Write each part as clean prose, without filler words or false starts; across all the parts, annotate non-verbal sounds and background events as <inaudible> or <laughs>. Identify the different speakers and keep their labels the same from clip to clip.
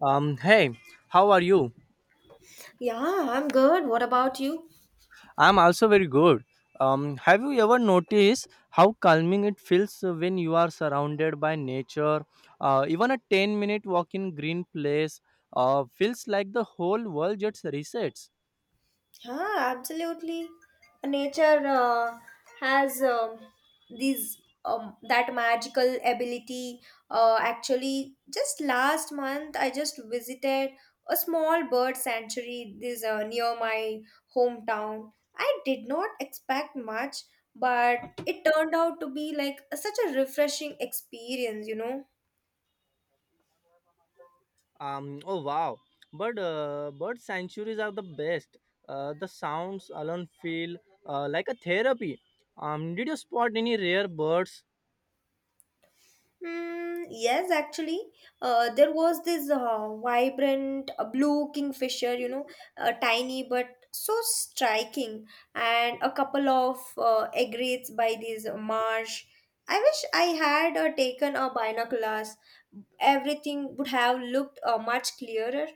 Speaker 1: Hey, how are you?
Speaker 2: Yeah, I'm good. What about you?
Speaker 1: I'm also very good. Have you ever noticed how calming it feels when you are surrounded by nature? Even a 10-minute walk in green place feels like the whole world just resets.
Speaker 2: Yeah, absolutely. Nature has these that magical ability. Actually, just last month, I just visited a small bird sanctuary. This near my hometown. I did not expect much, but it turned out to be like such a refreshing experience.
Speaker 1: Oh wow. But bird sanctuaries are the best. The sounds alone feel like a therapy. Did you spot any rare birds?
Speaker 2: Mm, yes, actually, there was this vibrant blue kingfisher, tiny but so striking, and a couple of egrets by this marsh. I wish I had taken a binoculars. Everything would have looked much clearer.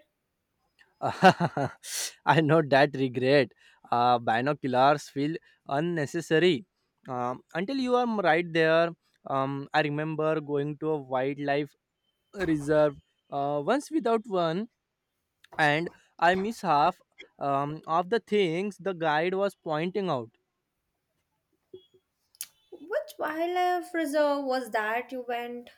Speaker 1: <laughs> I know that regret. Binoculars feel unnecessary until you are right there. I remember going to a wildlife reserve once without one, and I miss half of the things the guide was pointing out.
Speaker 2: Which wildlife reserve was that you went?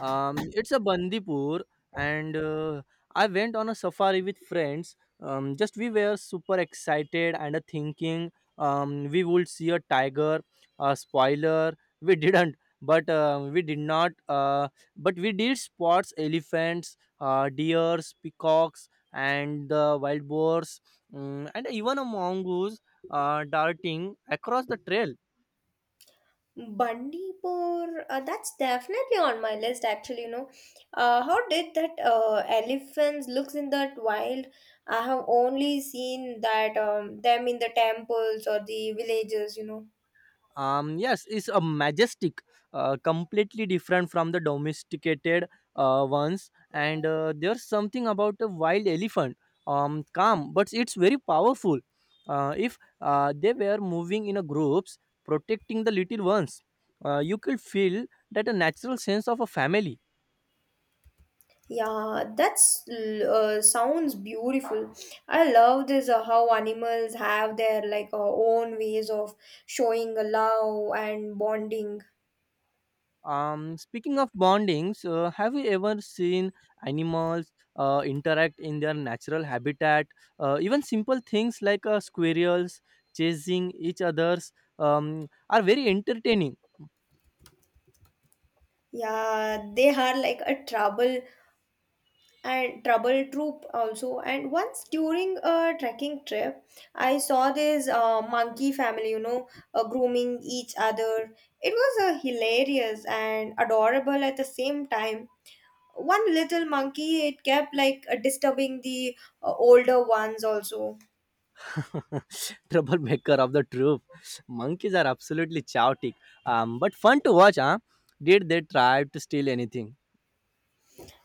Speaker 1: It's a Bandipur, and I went on a safari with friends. Just we were super excited and thinking we would see a tiger. Spoiler, we didn't, but we did not. But we did spots elephants, deers, peacocks, and the wild boars, and even a mongoose darting across the trail.
Speaker 2: Bandipur, that's definitely on my list actually, you know. How did that elephants looks in that wild? I have only seen that them in the temples or the villages, you know.
Speaker 1: Yes, it's a majestic, completely different from the domesticated ones, and there's something about a wild elephant, calm but it's very powerful. If they were moving in a groups protecting the little ones, you could feel that a natural sense of a family.
Speaker 2: Yeah, that's sounds beautiful. I love this how animals have their like own ways of showing love and bonding.
Speaker 1: Speaking of bondings, have you ever seen animals interact in their natural habitat? Even simple things like squirrels chasing each others are very entertaining.
Speaker 2: Yeah, they are like a trouble and trouble troop also, and once during a trekking trip I saw this monkey family, you know, grooming each other. It was hilarious and adorable at the same time. One little monkey, it kept like disturbing the older ones also.
Speaker 1: <laughs> Troublemaker of the troop. Monkeys are absolutely chaotic, but fun to watch. Huh? Did they try to steal anything?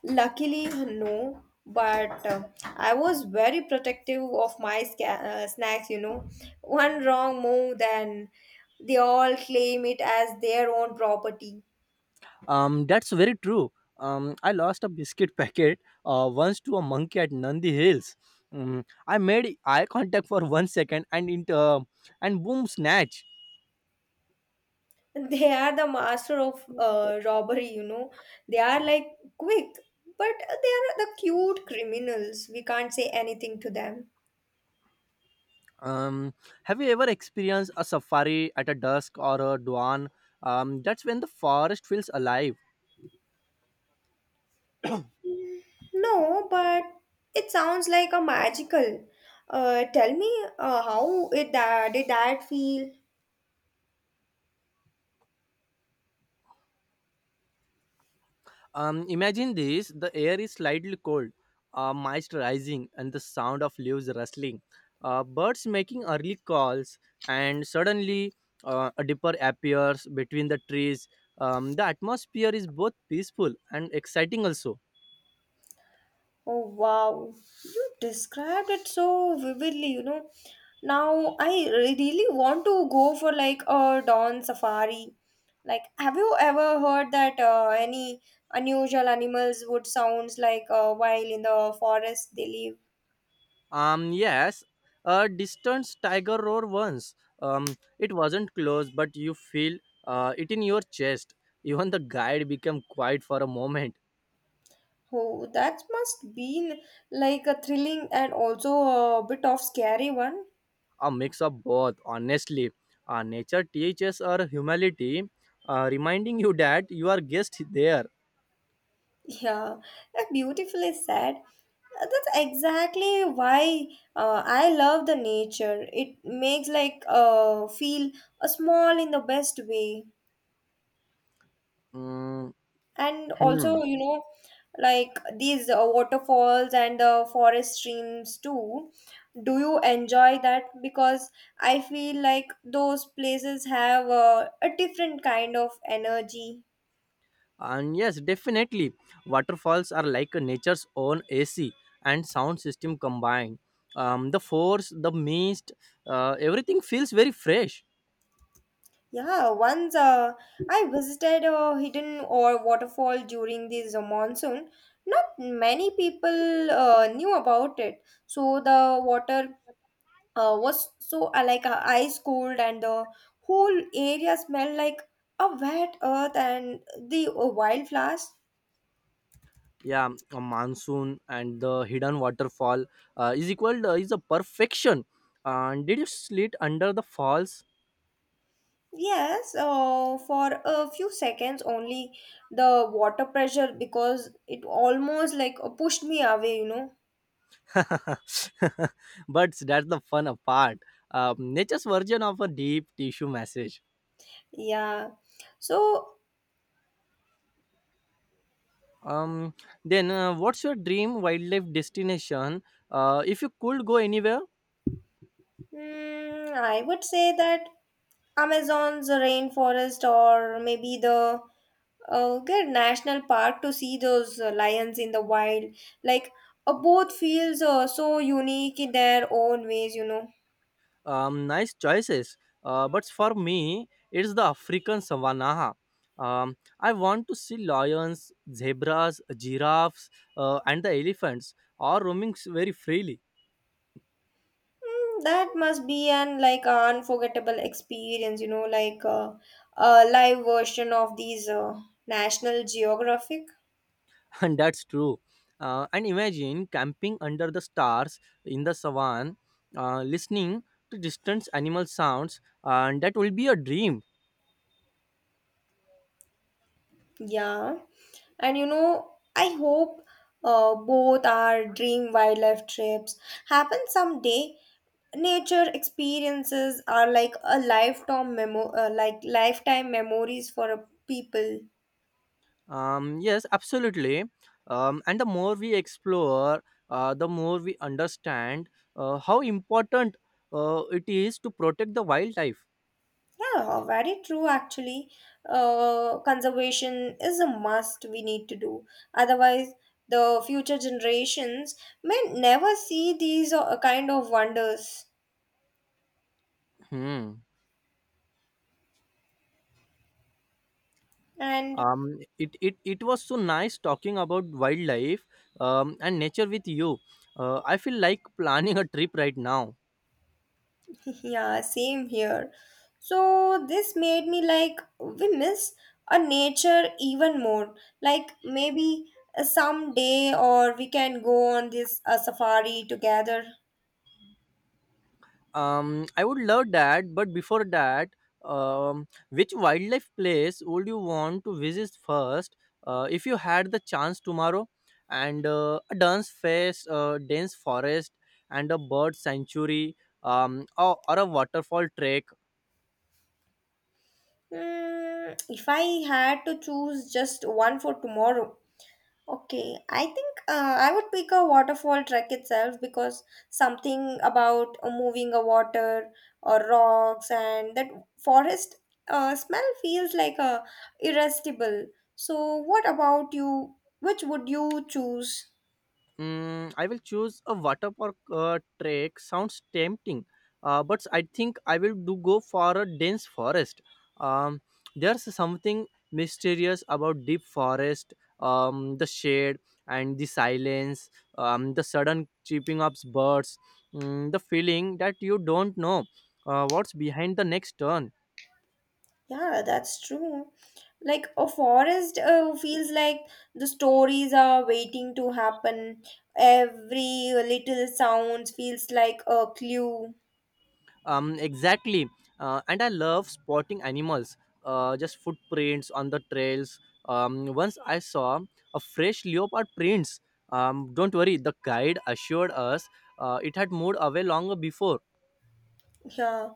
Speaker 2: Luckily, no, but I was very protective of my snacks, you know. One wrong move, then they all claim it as their own property.
Speaker 1: That's very true. I lost a biscuit <laughs> packet once to a monkey at Nandi Hills. Mm, I made eye contact for 1 second and and boom, snatch.
Speaker 2: <laughs> They are the master of robbery, you know. They are like quick, but they are the cute criminals. We can't say anything to them.
Speaker 1: Um, have you ever experienced a safari at a dusk or a dawn? That's when the forest feels alive.
Speaker 2: Mm, no, but it sounds like a magical. Tell me, how it that did that feel?
Speaker 1: Imagine this: the air is slightly cold, mist rising, and the sound of leaves rustling, birds making early calls, and suddenly a dipper appears between the trees. The atmosphere is both peaceful and exciting, also.
Speaker 2: Oh wow, you described it so vividly, you know. Now I really want to go for like a dawn safari. Like, have you ever heard that any unusual animals would sounds like while in the forest they live?
Speaker 1: Yes, a distant tiger roar once. It wasn't close, but you feel it in your chest. Even the guide became quiet for a moment.
Speaker 2: Oh, that must been like a thrilling and also a bit of scary one.
Speaker 1: A mix of both, honestly. Nature teaches our humility, reminding you that you are guest there.
Speaker 2: Yeah, that beautifully said. That's exactly why I love the nature. It makes like feel small in the best way,
Speaker 1: Mm,
Speaker 2: and
Speaker 1: hmm.
Speaker 2: also you know, like these waterfalls and the forest streams too. Do you enjoy that? Because I feel like those places have a different kind of energy.
Speaker 1: And yes, definitely, waterfalls are like nature's own AC and sound system combined. The force, the mist, everything feels very fresh.
Speaker 2: Yeah, once I visited a hidden or waterfall during this monsoon. Not many people knew about it. So the water was so like ice cold and the whole area smelled like a wet earth and the wildflowers.
Speaker 1: Yeah, a monsoon and the hidden waterfall is a perfection. And did you sleep under the falls?
Speaker 2: Yes, for a few seconds only. The water pressure, because it almost like pushed me away, you know.
Speaker 1: <laughs> But that's the fun part. Nature's version of a deep tissue message.
Speaker 2: Yeah. So
Speaker 1: Um, then, what's your dream wildlife destination? If you could go anywhere,
Speaker 2: hmm, I would say that Amazon's rainforest or maybe the good national park to see those lions in the wild. Like both feels so unique in their own ways, you know.
Speaker 1: nice choices. But for me, it's the African savannah. I want to see lions, zebras, giraffes, and the elephants all roaming very freely.
Speaker 2: Mm, that must be an like unforgettable experience, you know, like a live version of these National Geographic.
Speaker 1: <laughs> And that's true. And imagine camping under the stars in the savan, listening to distant animal sounds, and that will be a dream.
Speaker 2: Yeah, and you know, I hope both our dream wildlife trips happen someday. Nature experiences are like a lifetime like lifetime memories for a people.
Speaker 1: Yes, absolutely. And the more we explore, the more we understand how important it is to protect the wildlife.
Speaker 2: Yeah, very true. Actually, conservation is a must we need to do. Otherwise, the future generations may never see these kind of wonders.
Speaker 1: Hmm.
Speaker 2: And
Speaker 1: It was so nice talking about wildlife and nature with you. I feel like <laughs> planning a trip right now.
Speaker 2: <laughs> yeah, same here. So this made me like we miss a nature even more. Like maybe someday or we can go on this safari together.
Speaker 1: I would love that, but before that, which wildlife place would you want to visit first if you had the chance tomorrow? And dense forest, and a bird sanctuary, or a waterfall trek.
Speaker 2: Hmm, if I had to choose just one for tomorrow, okay, I think I would pick a waterfall trek itself, because something about moving a water or rocks and that forest smell feels like irresistible. So, what about you? Which would you choose?
Speaker 1: Mm, I will choose a water park trek. Sounds tempting, but I think I will do go for a dense forest. Um, there's something mysterious about deep forest, the shade and the silence, the sudden chirping of birds, mm, the feeling that you don't know what's behind the next turn.
Speaker 2: Yeah, that's true. Like a forest feels like the stories are waiting to happen. Every little sounds feels like a clue.
Speaker 1: Exactly. And I love spotting animals, just footprints on the trails. Once I saw a fresh leopard prints. Don't worry, the guide assured us it had moved away longer before.
Speaker 2: Yeah,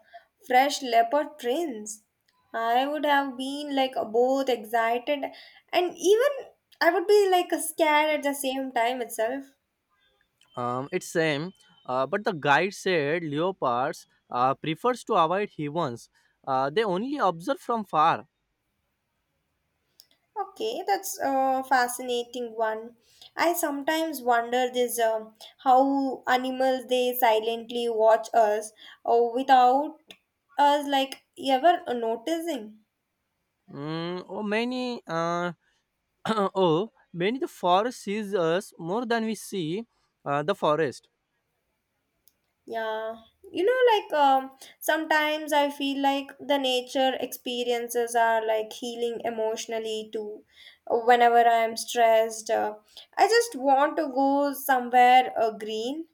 Speaker 2: fresh leopard prints. I would have been like both excited and even I would be like scared at the same time itself.
Speaker 1: It's same, but the guide said leopards prefers to avoid humans. They only observe from far.
Speaker 2: Okay, that's a fascinating one. I sometimes wonder this how animals they silently watch us, or without us like ever noticing.
Speaker 1: Mm, oh many <clears throat> Oh, many, the forest sees us more than we see the forest.
Speaker 2: Yeah, you know, like sometimes I feel like the nature experiences are like healing emotionally too. Whenever I'm stressed, I just want to go somewhere green.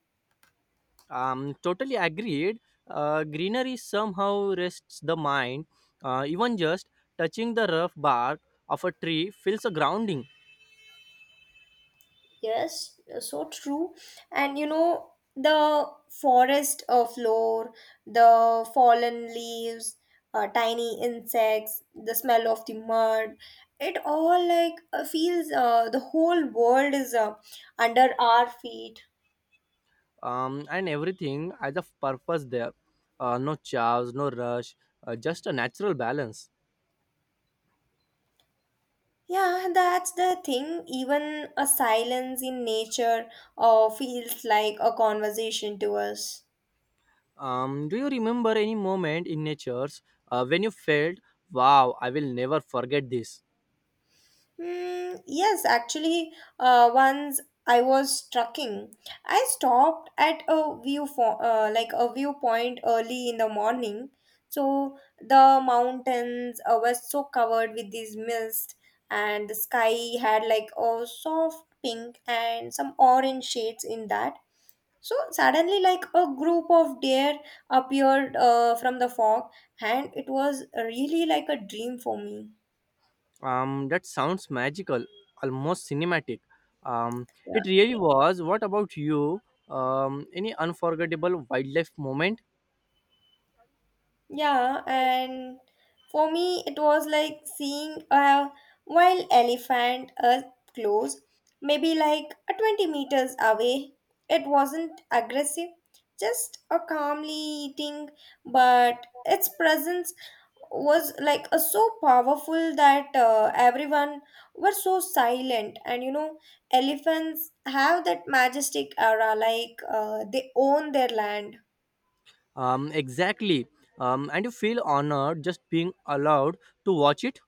Speaker 1: Totally agreed. Greenery somehow rests the mind. Even just touching the rough bark of a tree feels a grounding.
Speaker 2: Yes, so true. And you know, the forest floor, the fallen leaves, tiny insects, the smell of the mud, it all like feels the whole world is under our feet.
Speaker 1: And everything has a purpose there, no chaos, no rush, just a natural balance.
Speaker 2: Yeah, that's the thing. Even a silence in nature feels like a conversation to us.
Speaker 1: Do you remember any moment in nature's when you felt wow, I will never forget this?
Speaker 2: Mm, yes, actually, once I was trekking, I stopped at a view for, like a viewpoint early in the morning. So the mountains were so covered with this mist, and the sky had like a soft pink and some orange shades in that. So suddenly, like a group of deer appeared from the fog, and it was really like a dream for me.
Speaker 1: That sounds magical, almost cinematic. Um,
Speaker 2: Yeah.
Speaker 1: it really was. What about you? Any unforgettable wildlife moment?
Speaker 2: Yeah, and for me, it was like seeing a wild elephant up close, maybe like a 20 meters away. It wasn't aggressive, just a calmly eating, but its presence was like a, so powerful that everyone were so silent. And you know, elephants have that majestic aura, like they own their land.
Speaker 1: Exactly. And you feel honored just being allowed to watch it.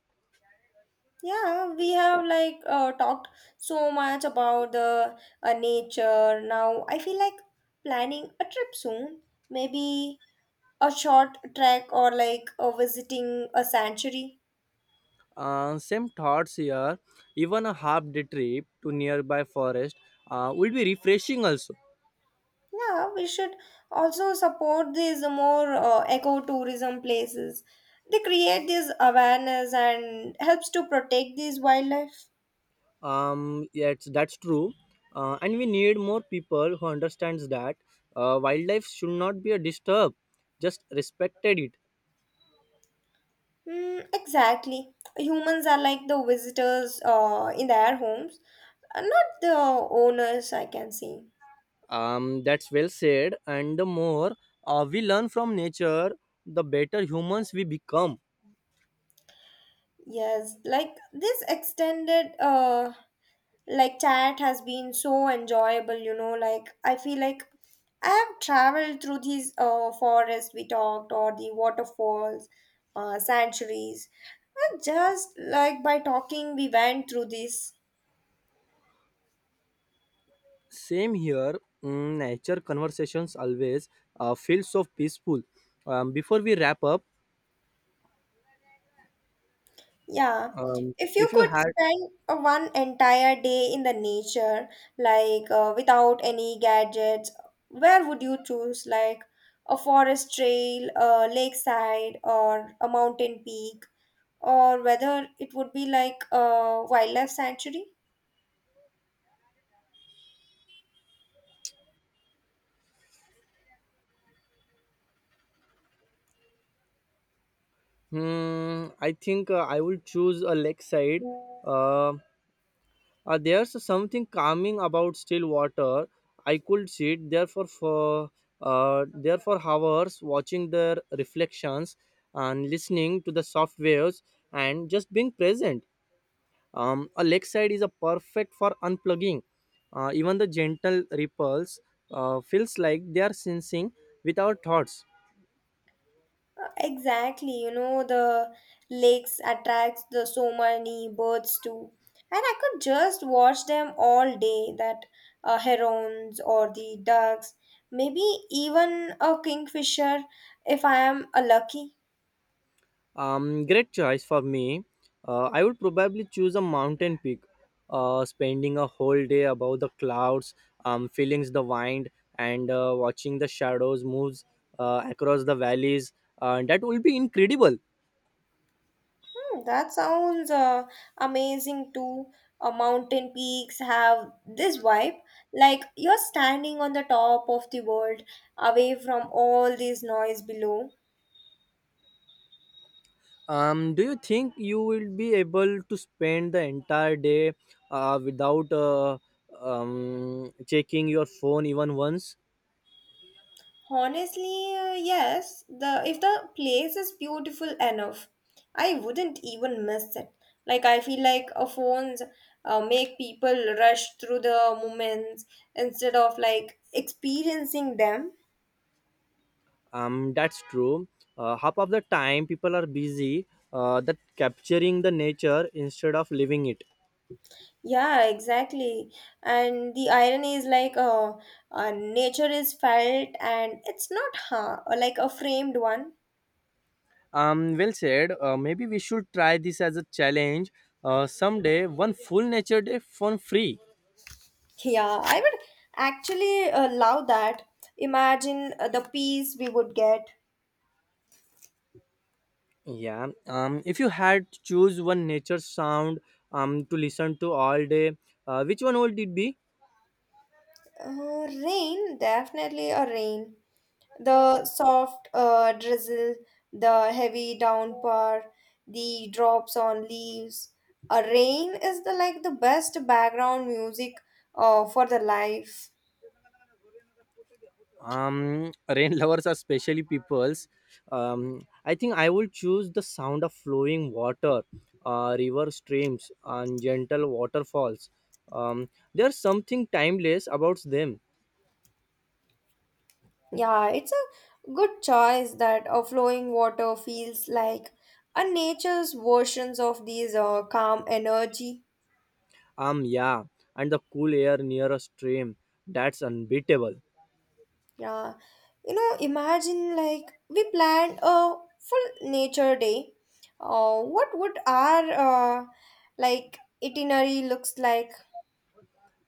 Speaker 2: Yeah, we have like talked so much about the nature. Now I feel like planning a trip soon. Maybe a short trek or like visiting a sanctuary.
Speaker 1: Same thoughts here. Even a half day trip to nearby forest will be refreshing also.
Speaker 2: Yeah, we should also support these more eco-tourism places. They create this awareness and helps to protect these wildlife.
Speaker 1: Yes, that's true. And we need more people who understands that wildlife should not be a disturb, just respected it.
Speaker 2: Mm, exactly. Humans are like the visitors in their homes. Not the owners, I can see.
Speaker 1: That's well said. And the more we learn from nature, the better humans we become.
Speaker 2: Yes, like this extended like chat has been so enjoyable, you know, like I feel like I have traveled through these forests we talked, or the waterfalls, sanctuaries, and just like by talking we went through this.
Speaker 1: Same here. Mm, nature conversations always feel so peaceful. Before we wrap up,
Speaker 2: Yeah, if you
Speaker 1: if you
Speaker 2: could
Speaker 1: had,
Speaker 2: spend one entire day in the nature, like without any gadgets, where would you choose? Like a forest trail, a lakeside, or a mountain peak, or whether it would be like a wildlife sanctuary?
Speaker 1: hmm, I think I will choose a lakeside. Uh, there's something calming about still water. I could sit there for there for hours watching their reflections and listening to the soft waves and just being present. A lakeside is a perfect for unplugging. Even the gentle ripples feels like they are sensing with our thoughts.
Speaker 2: Exactly, you know, the lakes attracts the so many birds too. And I could just watch them all day, that herons or the ducks, maybe even a kingfisher if I am lucky.
Speaker 1: Great choice for me. I would probably choose a mountain peak, spending a whole day above the clouds, feeling the wind, and watching the shadows moves across the valleys. That will be incredible.
Speaker 2: Hmm, that sounds amazing too. Mountain peaks have this vibe, like you're standing on the top of the world, away from all this noise below.
Speaker 1: Do you think you will be able to spend the entire day without checking your phone even once?
Speaker 2: Honestly, yes. The if the place is beautiful enough, I wouldn't even miss it. Like I feel like phones make people rush through the moments instead of like experiencing them.
Speaker 1: That's true. Half of the time people are busy that capturing the nature instead of living it.
Speaker 2: Yeah, exactly. And the irony is like nature is felt and it's not ha like a framed one.
Speaker 1: Well said. Maybe we should try this as a challenge someday, one full nature day for free.
Speaker 2: Yeah, I would actually love that. Imagine the peace we would get.
Speaker 1: Yeah. If you had to choose one nature sound to listen to all day, which one would it be?
Speaker 2: Rain, definitely a rain. The soft drizzle, the heavy downpour, the drops on leaves. A rain is the like the best background music for the life.
Speaker 1: <laughs> Rain lovers are especially peoples. I think I will choose the sound of flowing water, river streams and gentle waterfalls. There's something timeless about them.
Speaker 2: Yeah, it's a good choice that flowing water feels like a nature's versions of these calm energy.
Speaker 1: Yeah, and the cool air near a stream, that's unbeatable.
Speaker 2: Yeah, you know, imagine like we planned a full nature day. What would our uh, like itinerary looks like?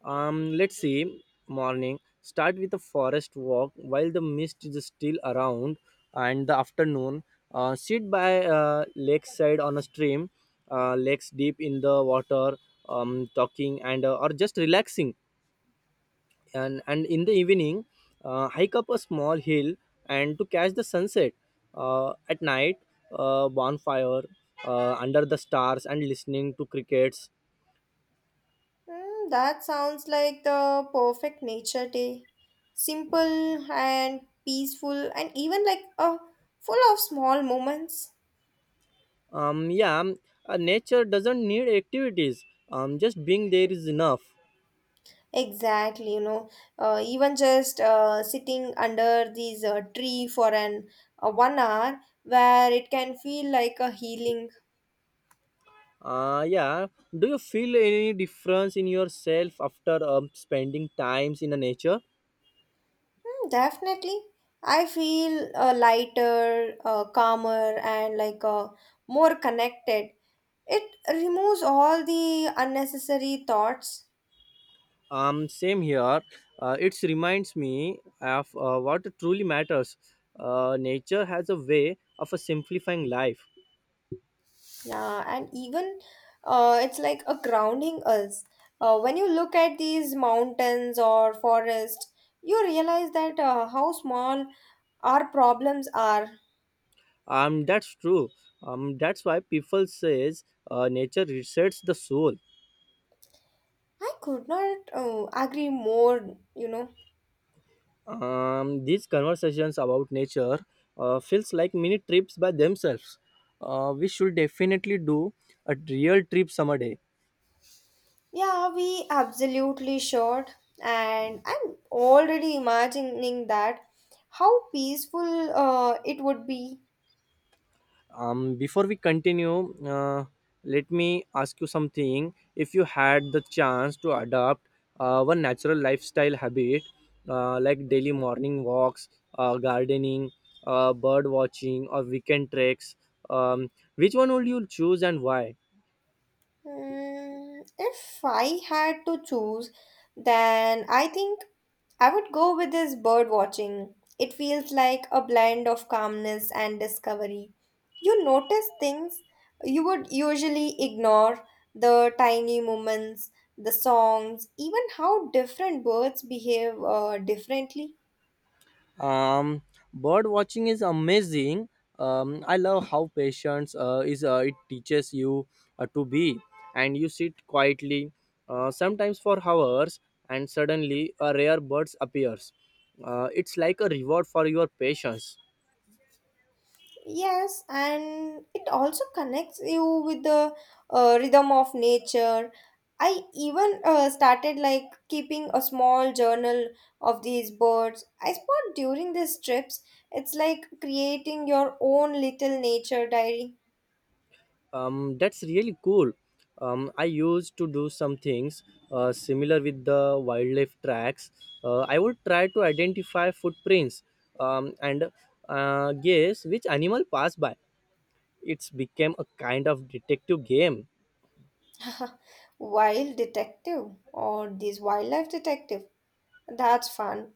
Speaker 1: Let's see, morning. Start with a forest walk while the mist is still around, and the afternoon. Sit by lakeside on a stream, legs deep in the water, talking and or just relaxing. And in the evening, hike up a small hill and to catch the sunset. At night, bonfire under the stars and listening to crickets.
Speaker 2: Hmm, that sounds like the perfect nature day. Simple and peaceful, and even like full of small moments.
Speaker 1: Um, yeah, um, Nature doesn't need activities. Just being there is enough.
Speaker 2: Exactly, you know, even just sitting under these tree for an 1 hour where it can feel like a healing.
Speaker 1: Yeah. Do you feel any difference in yourself after spending times in the nature?
Speaker 2: Mm, definitely. I feel lighter, calmer, and like more connected. It removes all the unnecessary thoughts.
Speaker 1: Same here. It reminds me of what truly matters. Nature has a way of a simplifying life.
Speaker 2: Yeah, and even it's like a grounding us. When you look at these mountains or forests, you realize that how small our problems are.
Speaker 1: That's true. That's why people says nature resets the soul.
Speaker 2: I could not agree more, you know.
Speaker 1: These conversations about nature feels like mini trips by themselves. We should definitely do a real trip someday.
Speaker 2: Yeah, we absolutely should. And I'm already imagining that how peaceful it would be.
Speaker 1: Before we continue, let me ask you something. If you had the chance to adopt one natural lifestyle habit, like daily morning walks, gardening, bird watching, or weekend treks, um, which one would you choose and why?
Speaker 2: Mm, if I had to choose, then I think I would go with this bird watching. It feels like a blend of calmness and discovery. You notice things you would usually ignore, the tiny movements, the songs, even how different birds behave differently.
Speaker 1: um Bird watching is amazing. I love how patience is it teaches you to be, and you sit quietly sometimes for hours, and suddenly a rare bird appears. It's like a reward for your patience.
Speaker 2: Yes, and it also connects you with the rhythm of nature. I even started like keeping a small journal of these birds I spot during these trips. It's like creating your own little nature diary.
Speaker 1: That's really cool. I used to do some things similar with the wildlife tracks. I would try to identify footprints, and guess which animal passed by. It's became a kind of detective game.
Speaker 2: <laughs> Wild detective or this wildlife detective. That's fun.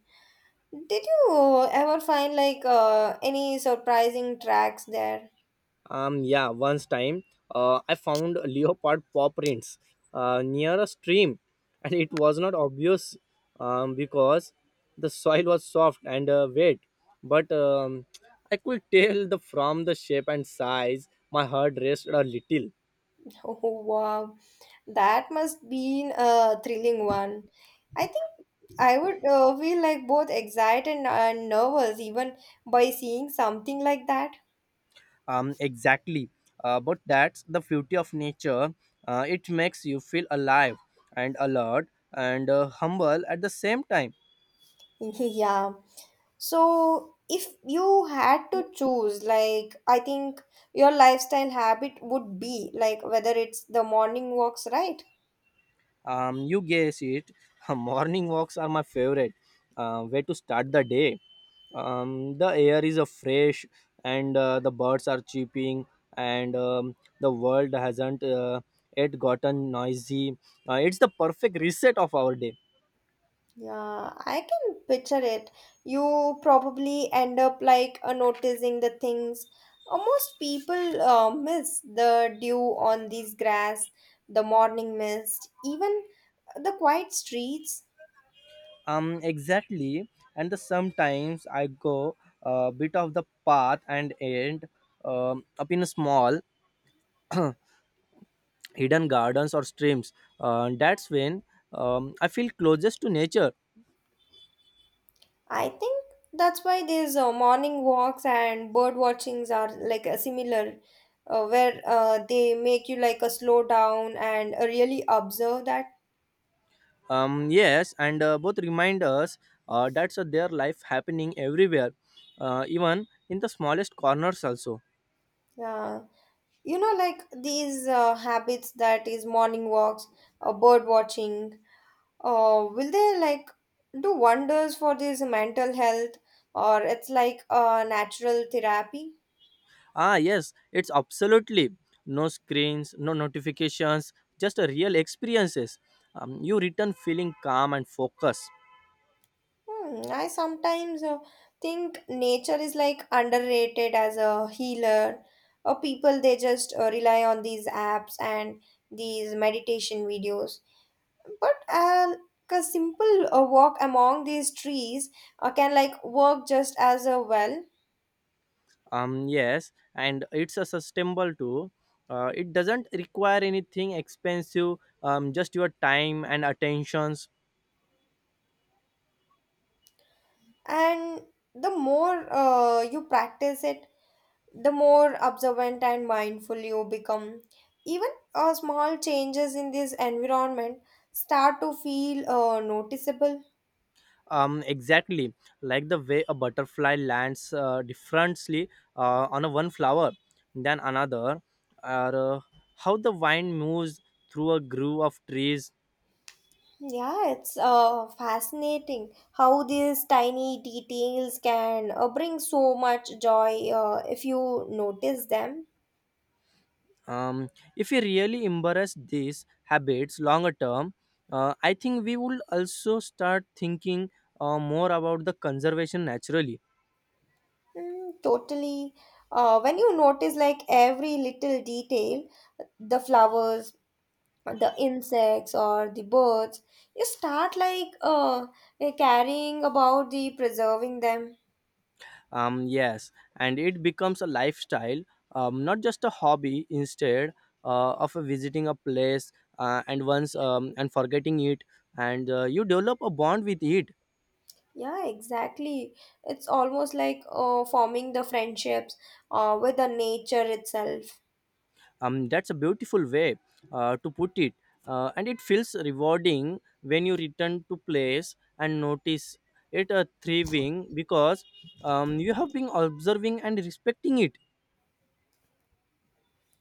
Speaker 2: Did you ever find like any surprising tracks there?
Speaker 1: Yeah, once time I found <laughs> leopard paw prints near a stream, and it was not obvious, because the soil was soft and wet, but I could <laughs> tell the from the shape and size. My heart raced a little.
Speaker 2: Oh, wow. That must been a thrilling one. I think I would feel like both excited and nervous even by seeing something like that.
Speaker 1: Exactly. But that's the beauty of nature. It makes you feel alive and alert and humble at the same time.
Speaker 2: <laughs> Yeah. So, if you had to choose, like, I think your lifestyle habit would be like whether it's the morning walks, right?
Speaker 1: You guess it. <laughs> Morning walks are my favorite. Way to start the day. The air is fresh, and the birds are chirping, and the world hasn't yet gotten noisy. It's the perfect reset of our day.
Speaker 2: Yeah, I can picture it. You probably end up like noticing the things most people miss the dew on these grass, the morning mist, even the quiet streets.
Speaker 1: Exactly. And sometimes I go a bit of the path and end up in a small <clears throat> hidden gardens or streams. That's when I feel closest to nature.
Speaker 2: I think that's why these morning walks and bird watchings are like similar, where they make you like a slow down and really observe that.
Speaker 1: Yes, and both remind us that's their life happening everywhere, even in the smallest corners also.
Speaker 2: Yeah. you know like these habits that is morning walks, bird watching, will they like do wonders for this mental health, or it's like a natural therapy?
Speaker 1: Yes, it's absolutely no screens, no notifications, just a real experiences. You return feeling calm and focused.
Speaker 2: I sometimes think nature is like underrated as a healer, or people they just rely on these apps and these meditation videos, but a simple walk among these trees can like work just as well.
Speaker 1: Yes, and it's a sustainable too. It doesn't require anything expensive. Just your time and attentions.
Speaker 2: And the more you practice it, the more observant and mindful you become. Even small changes in this environment start to feel noticeable.
Speaker 1: Exactly. Like the way a butterfly lands differently on a one flower than another, or how the wind moves through a groove of trees.
Speaker 2: Yeah, it's fascinating how these tiny details can bring so much joy if you notice them.
Speaker 1: um, if we really embrace these habits longer term, I think we will also start thinking more about the conservation naturally.
Speaker 2: Mm, totally. When you notice like every little detail, the flowers, the insects, or the birds, you start like caring about the preserving them.
Speaker 1: Yes, and it becomes a lifestyle, not just a hobby. Instead of visiting a place and forgetting it, and you develop a bond with it.
Speaker 2: Yeah, exactly. It's almost like forming the friendships with the nature itself.
Speaker 1: That's a beautiful way to put it, and it feels rewarding when you return to place and notice it thriving because you have been observing and respecting it.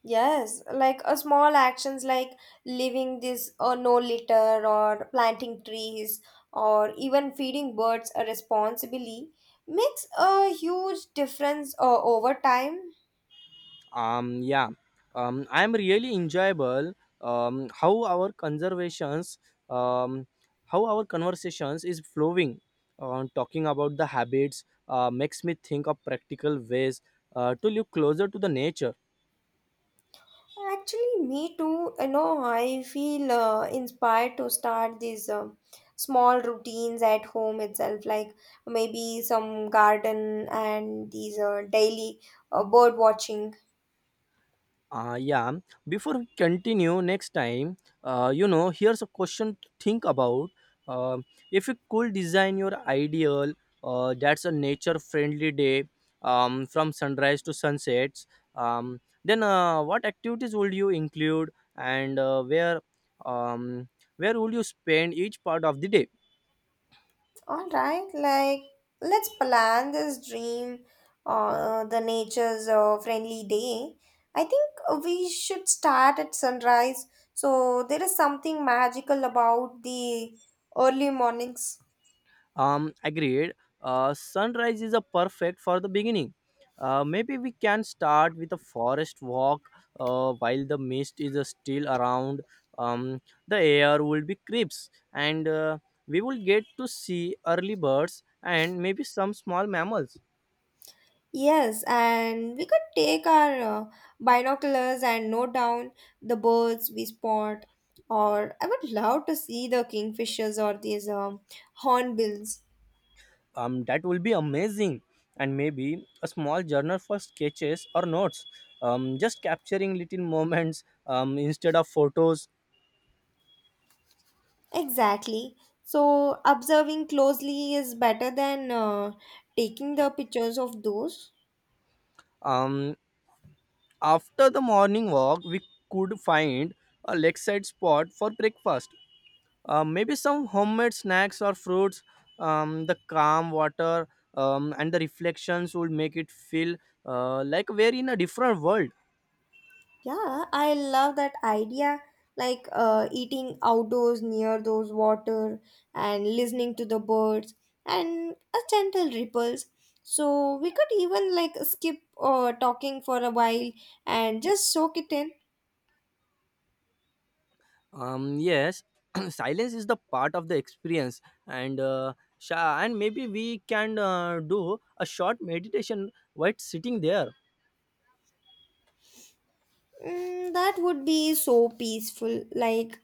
Speaker 2: Yes, like a small actions like leaving this no litter, or planting trees, or even feeding birds responsibly makes a huge difference over time.
Speaker 1: Yeah, I am really enjoyable. Um, how our conservations, um, how our conversations is flowing. On talking about the habits makes me think of practical ways to live closer to the nature.
Speaker 2: Actually, me too. You know, I feel inspired to start these small routines at home itself, like maybe some garden and these daily bird watching.
Speaker 1: Yeah. Before we continue next time, here's a question to think about. Uh, if you could design your ideal, that's a nature-friendly day, from sunrise to sunsets, um, then what activities would you include, and where, um, where would you spend each part of the day?
Speaker 2: All right, like let's plan this dream, the nature's friendly day. I think we should start at sunrise. So there is something magical about the early mornings.
Speaker 1: Agreed. Sunrise is a perfect for the beginning. Maybe we can start with a forest walk while the mist is still around. Um, the air will be crisp, and we will get to see early birds and maybe some small mammals.
Speaker 2: Yes, and we could take our binoculars and note down the birds we spot. Or I would love to see the kingfishers or these hornbills.
Speaker 1: That will be amazing, and maybe a small journal for sketches or notes. Just capturing little moments instead of photos.
Speaker 2: Exactly. So observing closely is better than taking the pictures of those.
Speaker 1: Um, After the morning walk, we could find a lakeside spot for breakfast. Maybe some homemade snacks or fruits. The calm water and the reflections would make it feel like we're in a different world.
Speaker 2: Yeah, I love that idea. Like eating outdoors near those water and listening to the birds and a gentle ripples. So we could even like skip talking for a while and just soak it in.
Speaker 1: Yes, <clears throat> silence is the part of the experience, and maybe we can do a short meditation while sitting there.
Speaker 2: Mm, that would be so peaceful. Like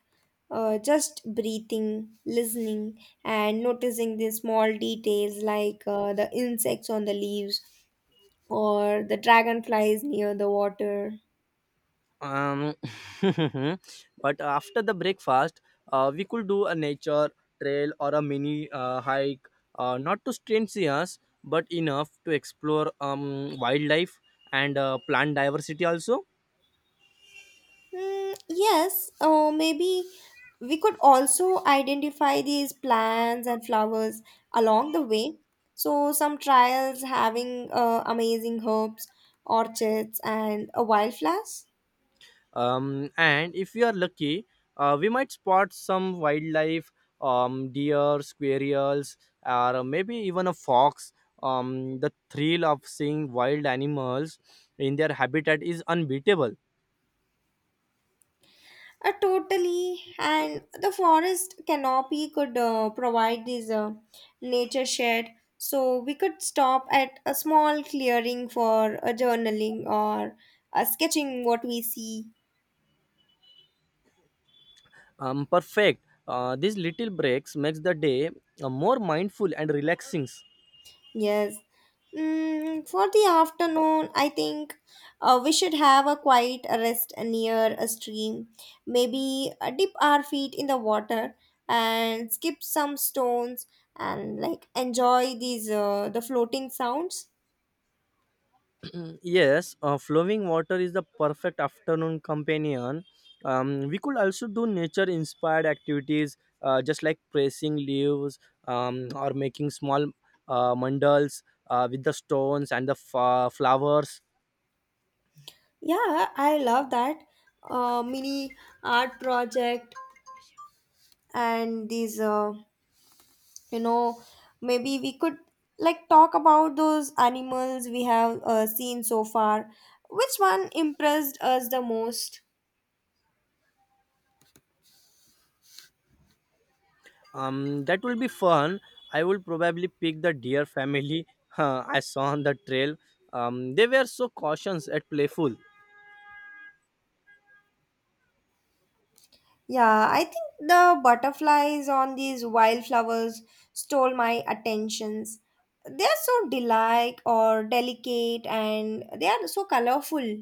Speaker 2: just breathing, listening, and noticing the small details like the insects on the leaves or the dragonflies near the water.
Speaker 1: Um, <laughs> but after the breakfast, we could do a nature trail or a mini hike, not to strain us, but enough to explore wildlife and plant diversity also.
Speaker 2: Mm, yes, or maybe we could also identify these plants and flowers along the way. So, some trials having amazing herbs, orchids, and a wildflowers.
Speaker 1: And if we are lucky, we might spot some wildlife, deer, squirrels, or maybe even a fox. The thrill of seeing wild animals in their habitat is unbeatable.
Speaker 2: Totally, and the forest canopy could provide this nature shed. So, we could stop at a small clearing for a journaling or sketching what we see.
Speaker 1: Perfect. These little breaks makes the day more mindful and relaxing.
Speaker 2: Yes. Mm, for the afternoon, I think we should have a quiet rest near a stream. Maybe dip our feet in the water and skip some stones and like enjoy these the floating sounds.
Speaker 1: Mm, yes, flowing water is the perfect afternoon companion. We could also do nature-inspired activities, just like pressing leaves, or making small mandals with the stones and the flowers.
Speaker 2: Yeah, I love that mini art project, and these you know, maybe we could like talk about those animals we have seen so far. Which one impressed us the most?
Speaker 1: That will be fun. I will probably pick the deer family <laughs> I saw on the trail. They were so cautious and playful.
Speaker 2: Yeah, I think the butterflies on these wildflowers stole my attentions. They are so delight or delicate, and they are so colorful.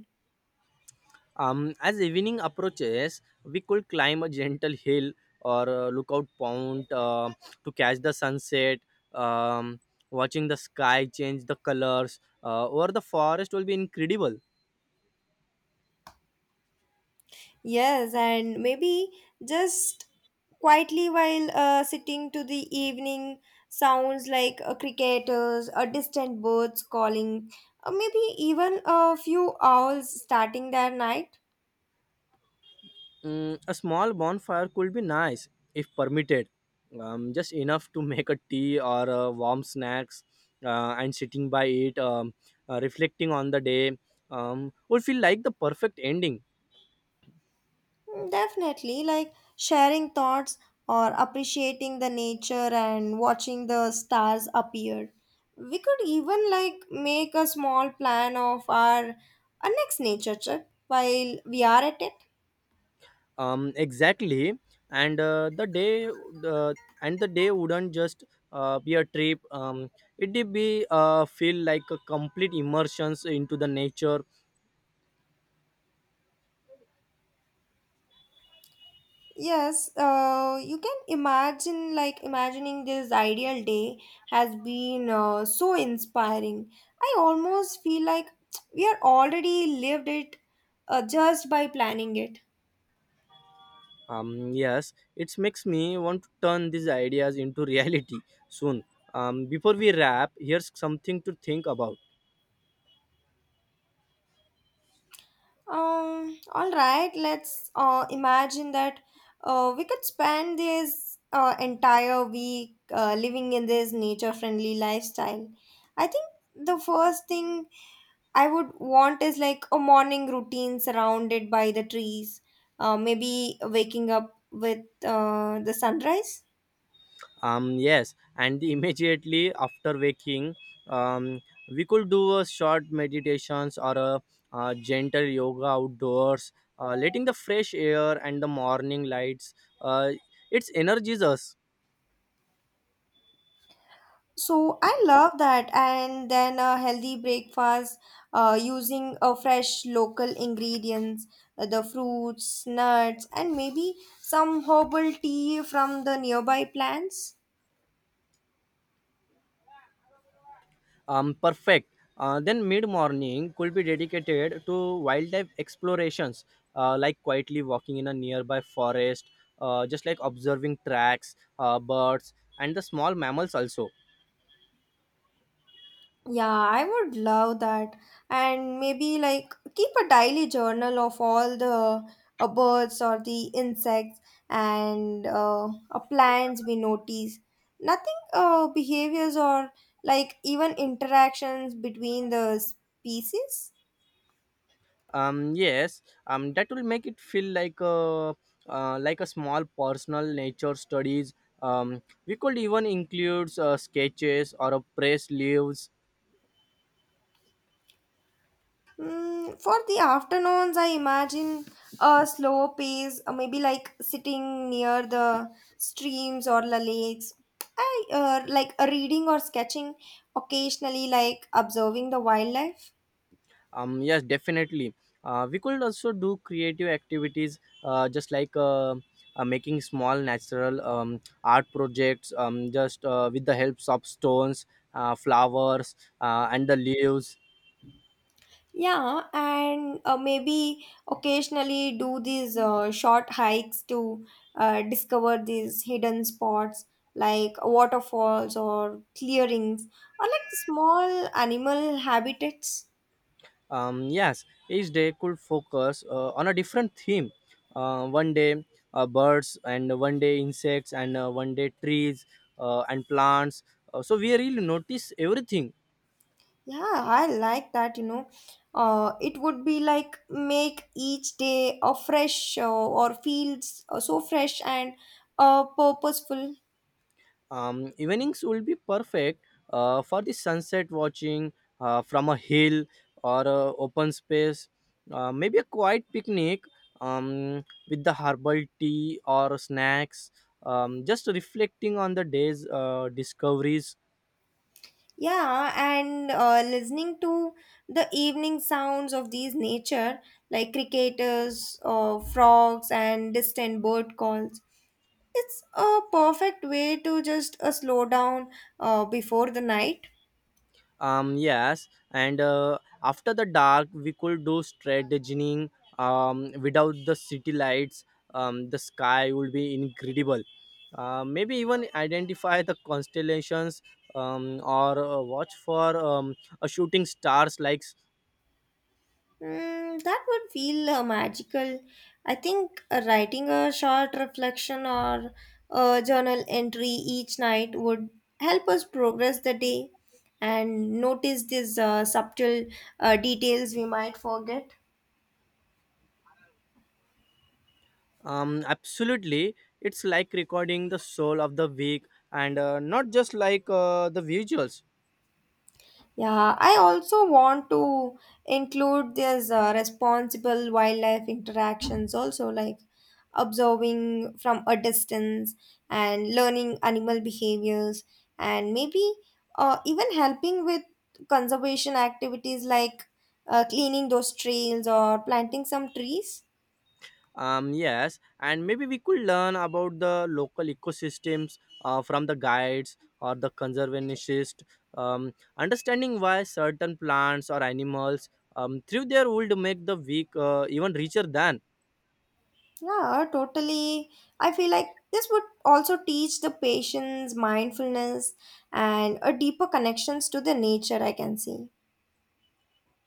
Speaker 1: As evening approaches, we could climb a gentle hill or a lookout point to catch the sunset. Um, watching the sky change the colors or the forest will be incredible.
Speaker 2: Yes, and maybe just quietly while sitting to the evening sounds like cricketers, or distant birds calling, or maybe even a few owls starting their night.
Speaker 1: Mm, a small bonfire could be nice if permitted, just enough to make a tea or warm snacks, and sitting by it, reflecting on the day, would feel like the perfect ending.
Speaker 2: Mm, definitely, like sharing thoughts or appreciating the nature and watching the stars appear. We could even like make a small plan of our next nature trip while we are at it.
Speaker 1: Exactly, and the day wouldn't just be a trip, it did be feel like a complete immersion into the nature.
Speaker 2: Yes, you can imagine, like, imagining this ideal day has been so inspiring. I almost feel like <tsk> we are already lived it just by planning it.
Speaker 1: Yes, it makes me want to turn these ideas into <laughs> reality soon. Before we wrap, here's something to think about.
Speaker 2: All right, let's imagine that we could spend this entire week living in this nature friendly lifestyle. I think the first thing I would want is like a morning routine surrounded by the trees, maybe waking up with the sunrise.
Speaker 1: Yes, and immediately after waking, um we could do a short meditations or gentle yoga outdoors, letting the fresh air and the morning lights uh, it's energizes us.
Speaker 2: So I love that. And then a healthy breakfast using a fresh local ingredients, the fruits, nuts, and maybe some herbal tea from the nearby plants.
Speaker 1: Perfect. Then mid morning could be dedicated to wildlife explorations, like quietly walking in a nearby forest, just like observing tracks, birds and the small mammals also.
Speaker 2: Yeah, I would love that. And maybe like keep a daily journal of all the birds or the insects and plants we notice. Nothing behaviors or like even interactions between the species.
Speaker 1: Yes, that will make it feel like a small personal nature studies. We could even include sketches or a press leaves.
Speaker 2: Mm, for the afternoons, I imagine a slow pace, maybe like sitting near the streams or the lakes. I Like reading or sketching occasionally, like observing the wildlife.
Speaker 1: Yes, definitely. We could also do creative activities, just like making small natural art projects, just with the help of stones, flowers, and the leaves.
Speaker 2: Yeah, and maybe occasionally do these short hikes to discover these hidden spots like waterfalls or clearings or like small animal habitats.
Speaker 1: Yes, each day could focus on a different theme. One day birds, and one day insects, and one day trees and plants. So we really notice everything.
Speaker 2: Yeah, I like that, you know. It would be like make each day a fresh or feels so fresh and purposeful.
Speaker 1: Evenings will be perfect for the sunset watching from a hill or a open space. Maybe a quiet picnic, with the herbal tea or snacks. Just reflecting on the day's discoveries.
Speaker 2: Yeah, and listening to the evening sounds of these nature, like cricketers, frogs, and distant bird calls. It's a perfect way to just slow down before the night.
Speaker 1: Yes, and after the dark we could do strategizing, without the city lights. The sky would be incredible. Maybe even identify the constellations, or watch for a shooting stars like.
Speaker 2: Mm, that would feel magical. I think writing a short reflection or a journal entry each night would help us progress the day and notice these subtle details we might forget.
Speaker 1: Absolutely. It's like recording the soul of the week, and not just like the visuals.
Speaker 2: Yeah, I also want to include this responsible wildlife interactions also, like observing from a distance and learning animal behaviors, and maybe even helping with conservation activities like cleaning those trails or planting some trees.
Speaker 1: Yes, and maybe we could learn about the local ecosystems from the guides or the conservationist, understanding why certain plants or animals through their would make the week even richer than.
Speaker 2: Yeah, totally. I feel like this would also teach the patients mindfulness and a deeper connections to the nature, I can see.